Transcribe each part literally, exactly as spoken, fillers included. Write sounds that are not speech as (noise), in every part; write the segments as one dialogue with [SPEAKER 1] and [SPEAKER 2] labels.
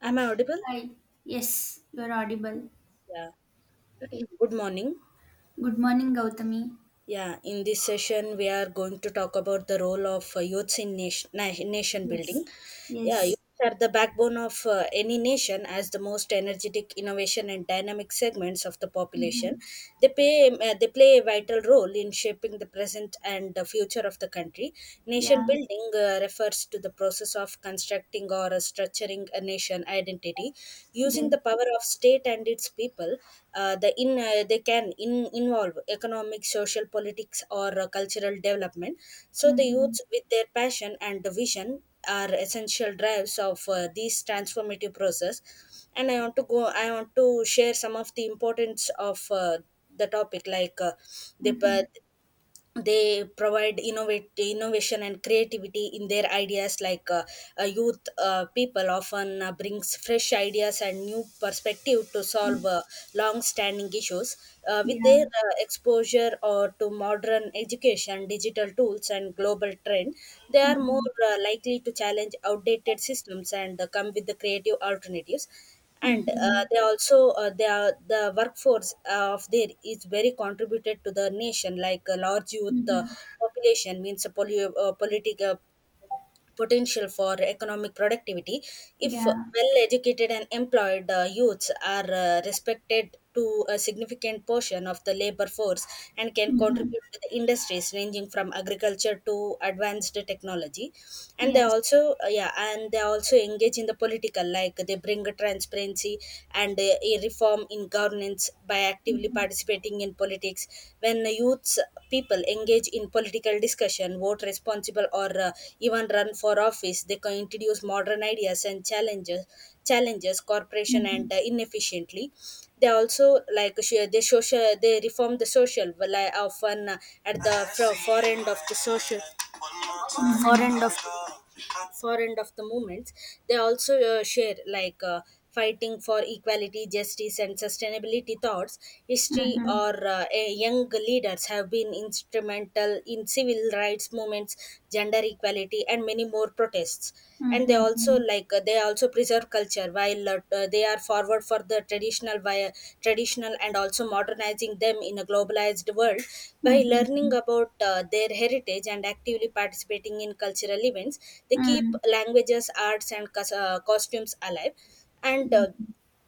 [SPEAKER 1] Am I audible?
[SPEAKER 2] Hi. Yes, you're audible.
[SPEAKER 1] Yeah. (clears throat) Good morning.
[SPEAKER 2] Good morning, Gautami.
[SPEAKER 1] Yeah, in this session, we are going to talk about the role of uh, youths in nation, na- nation
[SPEAKER 2] Yes.
[SPEAKER 1] building. Yeah,
[SPEAKER 2] Yes.
[SPEAKER 1] youths are the backbone of uh, any nation as the most energetic, innovation, and dynamic segments of the population.
[SPEAKER 2] Mm-hmm.
[SPEAKER 1] They play, uh, they play a vital role in shaping the present and the future of the country. Nation
[SPEAKER 2] Yeah.
[SPEAKER 1] building uh, refers to the process of constructing or uh, structuring a nation nation identity using
[SPEAKER 2] Yes.
[SPEAKER 1] the power of state and its people, uh, the in uh, they can in, involve economic social politics or uh, cultural development. So the
[SPEAKER 2] Mm-hmm.
[SPEAKER 1] youths with their passion and the vision are essential drives of uh, this transformative process, and i want to go i want to share some of the importance of uh, the, topic. Like uh, the, uh,
[SPEAKER 2] Mm-hmm.
[SPEAKER 1] they provide innovate innovation and creativity in their ideas. Like uh, uh, youth uh, people often uh, brings fresh ideas and new perspective to solve
[SPEAKER 2] Mm.
[SPEAKER 1] uh, long standing issues. Uh, with their
[SPEAKER 2] Yeah.
[SPEAKER 1] uh, exposure or to modern education, digital tools and global trend, they are more
[SPEAKER 2] Mm-hmm.
[SPEAKER 1] uh, likely to challenge outdated systems and uh, come with the creative alternatives. And uh,
[SPEAKER 2] Mm-hmm.
[SPEAKER 1] they also uh, they are, the workforce uh, of there is very contributed to the nation. Like a large youth uh,
[SPEAKER 2] Mm-hmm.
[SPEAKER 1] population means a polio, uh, politic, potential for economic productivity. If
[SPEAKER 2] Yeah.
[SPEAKER 1] well educated and employed, uh, youths are uh, respected to a significant portion of the labor force and can
[SPEAKER 2] Mm-hmm.
[SPEAKER 1] contribute to the industries ranging from agriculture to advanced technology. And they
[SPEAKER 2] Yes.
[SPEAKER 1] also uh, yeah and they also engage in the political. Like they bring a transparency and uh, a reform in governance by actively
[SPEAKER 2] Mm-hmm.
[SPEAKER 1] participating in politics. When youths people engage in political discussion, vote responsible, or uh, even run for office, they can introduce modern ideas and challenges challenges corporation
[SPEAKER 2] Mm-hmm.
[SPEAKER 1] and uh, inefficiently. They also, like sh- they social, they reform the social. Well, I often uh, at the fro- far end of the social, far
[SPEAKER 2] Mm-hmm.
[SPEAKER 1] end of far end of the movements. They also uh, share, like uh, fighting for equality, justice and sustainability thoughts. History,
[SPEAKER 2] Mm-hmm.
[SPEAKER 1] or uh, a- young leaders have been instrumental in civil rights movements, gender equality and many more protests. And they also
[SPEAKER 2] Mm-hmm.
[SPEAKER 1] like uh, they also preserve culture while uh, uh, they are forward for the traditional via traditional and also modernizing them in a globalized world. By learning
[SPEAKER 2] Mm-hmm.
[SPEAKER 1] about uh, their heritage and actively participating in cultural events, they keep
[SPEAKER 2] Mm.
[SPEAKER 1] languages, arts and cos- uh, costumes alive. And uh,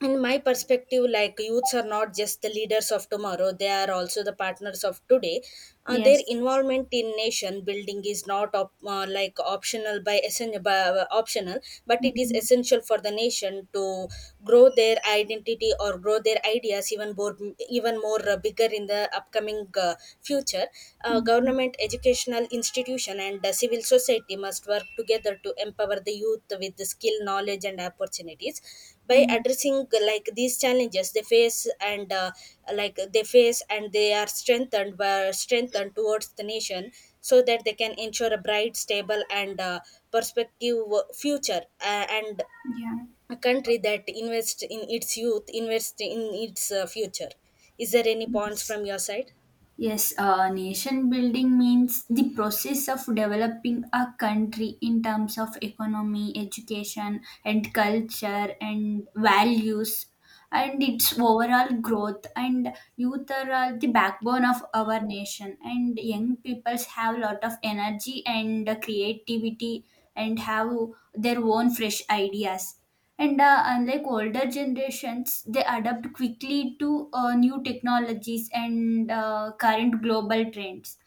[SPEAKER 1] in my perspective, like, youths are not just the leaders of tomorrow, they are also the partners of today. Uh, their
[SPEAKER 2] Yes.
[SPEAKER 1] involvement in nation building is not op- uh, like optional by, essen- by uh, optional, but it is
[SPEAKER 2] Mm-hmm.
[SPEAKER 1] essential for the nation to grow their identity, or grow their ideas even more, even more uh, bigger in the upcoming uh, future. Uh,
[SPEAKER 2] Mm-hmm.
[SPEAKER 1] government, educational institution and uh, civil society must work together to empower the youth with the skill, knowledge and opportunities by
[SPEAKER 2] Mm.
[SPEAKER 1] addressing like these challenges they face, and uh, like they face and they are strengthened by strengthened towards the nation, so that they can ensure a bright, stable and uh, perspective future. Uh, and
[SPEAKER 2] Yeah.
[SPEAKER 1] a country that invests in its youth invests in its uh, future. Is there any points
[SPEAKER 2] Yes.
[SPEAKER 1] from your side?
[SPEAKER 2] Yes, uh, nation building means the process of developing a country in terms of economy, education, and culture and values, and its overall growth. And youth are uh, the backbone of our nation, and young peoples have a lot of energy and creativity and have their own fresh ideas, and uh, unlike older generations they adapt quickly to uh, new technologies and uh, current global trends.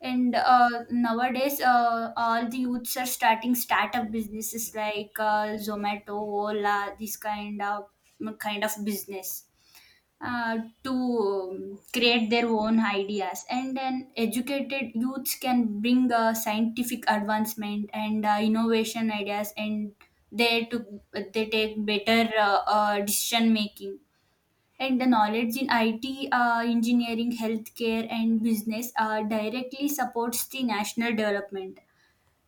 [SPEAKER 2] And uh, nowadays, uh, all the youths are starting startup businesses like uh, Zomato, Ola, this kind of kind of business, uh, to um, create their own ideas. And an educated youths can bring uh, scientific advancement and uh, innovation ideas, and they to they take better uh, uh, decision making, and the knowledge in I T, uh, engineering, healthcare, and business uh, directly supports the national development.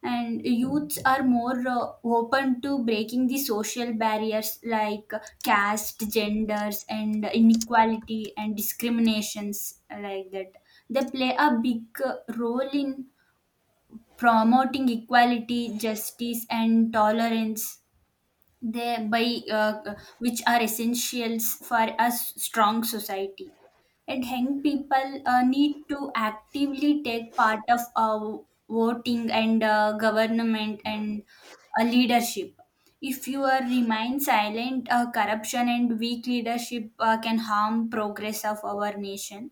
[SPEAKER 2] And youths are more uh, open to breaking the social barriers like caste, genders, and inequality and discriminations like that. They play a big uh, role in promoting equality, justice, and tolerance, they by uh, which are essentials for a s- strong society. And young people uh, need to actively take part of uh, voting and uh, government and uh, leadership. If you are remain silent, uh, corruption and weak leadership uh, can harm progress of our nation.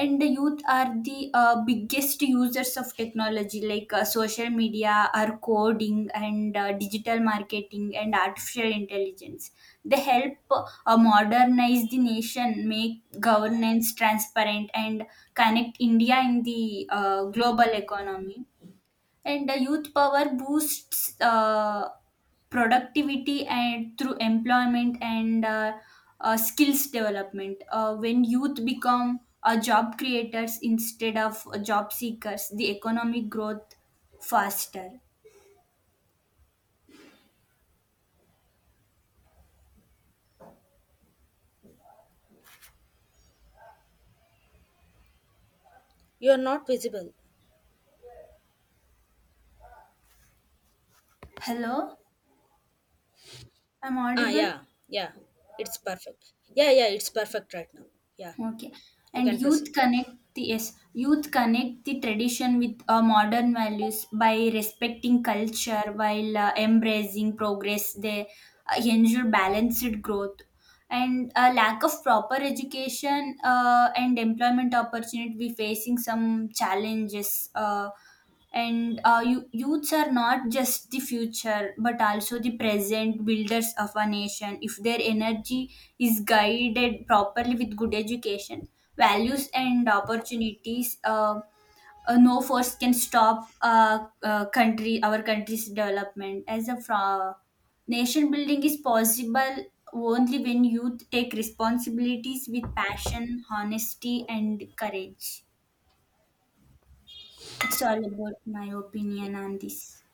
[SPEAKER 2] And the youth are the uh, biggest users of technology like uh, social media or coding and uh, digital marketing and artificial intelligence. They help uh, modernize the nation, make governance transparent, and connect India in the uh, global economy. And the youth power boosts uh, productivity and through employment and uh, uh, skills development. Uh, when youth become uh, job creators instead of uh, job seekers, the economic growth faster.
[SPEAKER 1] You are not visible.
[SPEAKER 2] Hello, I'm
[SPEAKER 1] Ah,
[SPEAKER 2] audible.
[SPEAKER 1] yeah. Yeah, it's perfect. Yeah, yeah, it's perfect right now. Yeah,
[SPEAKER 2] Okay.
[SPEAKER 1] you
[SPEAKER 2] And
[SPEAKER 1] can
[SPEAKER 2] youth
[SPEAKER 1] proceed.
[SPEAKER 2] connect the yes, youth connect the tradition with uh, modern values by respecting culture while uh, embracing progress. They uh, ensure balanced growth. And a lack of proper education uh, and employment opportunity, we facing some challenges. Uh, and uh, you, youths are not just the future but also the present builders of a nation. If their energy is guided properly with good education, values, and opportunities, uh, uh, no force can stop uh, uh, country our country's development as a fra- nation building is possible only when youth take responsibilities with passion, honesty, and courage. It's all about my opinion on this.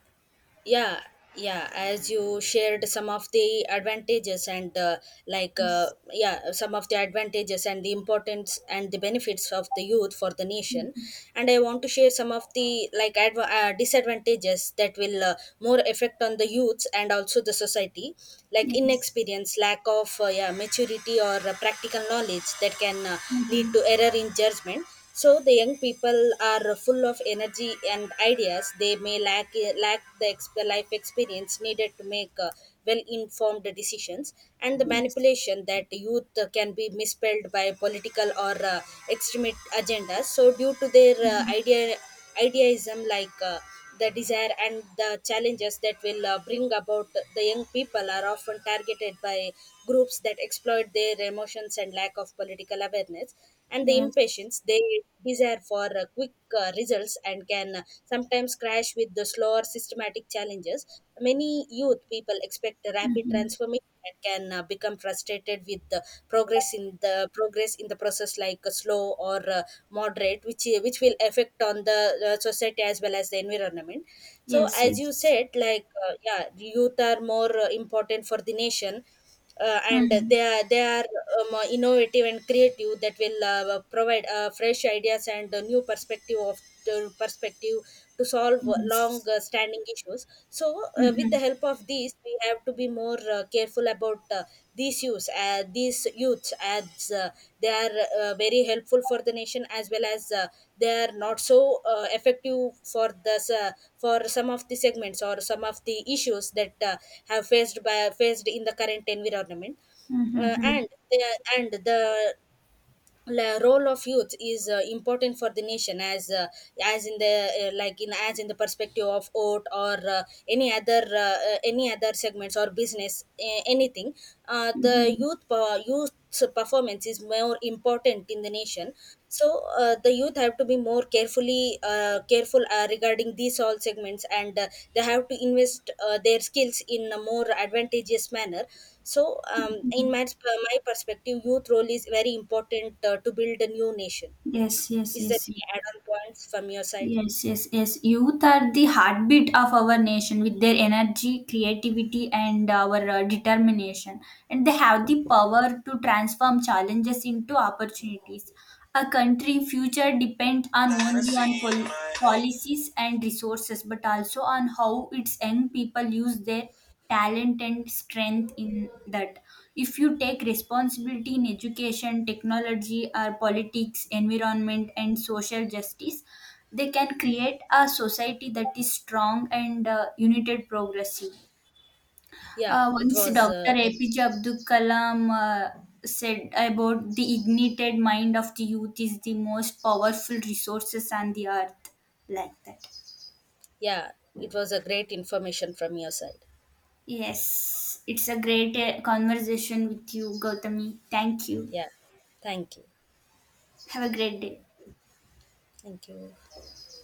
[SPEAKER 1] Yeah. Yeah, as you shared some of the advantages and uh, like uh,
[SPEAKER 2] Yes.
[SPEAKER 1] yeah some of the advantages and the importance and the benefits of the youth for the nation,
[SPEAKER 2] Mhm.
[SPEAKER 1] and i want to share some of the like adva- uh, disadvantages that will uh, more affect on the youths and also the society. Like
[SPEAKER 2] Yes.
[SPEAKER 1] inexperience, lack of uh, yeah, maturity, or uh, practical knowledge that can uh, lead
[SPEAKER 2] Mhm.
[SPEAKER 1] to error in judgment. So the young people are full of energy and ideas. They may lack lack the ex- life experience needed to make uh, well-informed decisions. And the
[SPEAKER 2] Yes.
[SPEAKER 1] manipulation that youth uh, can be misspelled by political or uh, extremist agendas. So due to their uh,
[SPEAKER 2] Mhm.
[SPEAKER 1] idea idealism, like uh, the desire and the challenges that will uh, bring about, the young people are often targeted by groups that exploit their emotions and lack of political awareness. And the
[SPEAKER 2] Yes.
[SPEAKER 1] impatience, they desire for uh, quick uh, results and can uh, sometimes crash with the slower systematic challenges. Many youth people expect a rapid
[SPEAKER 2] Mhm.
[SPEAKER 1] transformation and can uh, become frustrated with the progress in the progress in the process, like uh, slow or uh, moderate, which uh, which will affect on the uh, society as well as the environment. So
[SPEAKER 2] Yes.
[SPEAKER 1] as you
[SPEAKER 2] Yes.
[SPEAKER 1] said, like uh, yeah, youth are more uh, important for the nation, uh, and
[SPEAKER 2] Mhm.
[SPEAKER 1] they are they are um, uh, innovative and creative, that will uh, provide uh, fresh ideas and a new perspective of the perspective to solve long
[SPEAKER 2] Yes.
[SPEAKER 1] uh, standing issues. So uh, with the
[SPEAKER 2] Mhm.
[SPEAKER 1] help of these, we have to be more uh, careful about uh, these use uh, these these youths, as uh, they are uh, very helpful for the nation, as well as uh, they are not so uh, effective for the s- uh, for some of the segments or some of the issues that uh, have faced by faced in the current environment.
[SPEAKER 2] Mhm.
[SPEAKER 1] uh,
[SPEAKER 2] Mhm.
[SPEAKER 1] and they, and the la role of youth is uh, important for the nation, as uh, as in the uh, like in as in the perspective of oat, or uh, any other uh, uh, any other segments or business, uh, anything. Uh, the
[SPEAKER 2] Mhm.
[SPEAKER 1] youth po- youth's performance is more important in the nation. So uh, the youth have to be more carefully uh, careful uh, regarding these all segments, and uh, they have to invest uh, their skills in a more advantageous manner. So um, in my, my perspective, youth role is very important uh, to build a new nation.
[SPEAKER 2] Yes. Yes.
[SPEAKER 1] Is there
[SPEAKER 2] Yes.
[SPEAKER 1] any add-on points from your side?
[SPEAKER 2] Yes, yes, yes. Youth are the heartbeat of our nation with their energy, creativity, and our uh, determination. And they have the power to transform challenges into opportunities. A country future depends on only
[SPEAKER 1] Fantasy
[SPEAKER 2] on
[SPEAKER 1] in
[SPEAKER 2] pol-
[SPEAKER 1] my head.
[SPEAKER 2] policies and resources, but also on how its young people use their talent and strength in that. If you take responsibility in education, technology, or politics, environment, and social justice, they can create a society that is strong and uh, united, progressive.
[SPEAKER 1] Yeah,
[SPEAKER 2] Uh,
[SPEAKER 1] it
[SPEAKER 2] once
[SPEAKER 1] was
[SPEAKER 2] doctor
[SPEAKER 1] uh,
[SPEAKER 2] A P J Abdul Kalam uh, said about the ignited mind of the youth is the most powerful resources on the earth, like that.
[SPEAKER 1] yeah, it was a great information from your side.
[SPEAKER 2] Yes, it's a
[SPEAKER 1] Yeah.
[SPEAKER 2] great uh, conversation with you, Gautami. Thank you.
[SPEAKER 1] Yeah, thank you.
[SPEAKER 2] Have a great day.
[SPEAKER 1] Thank you.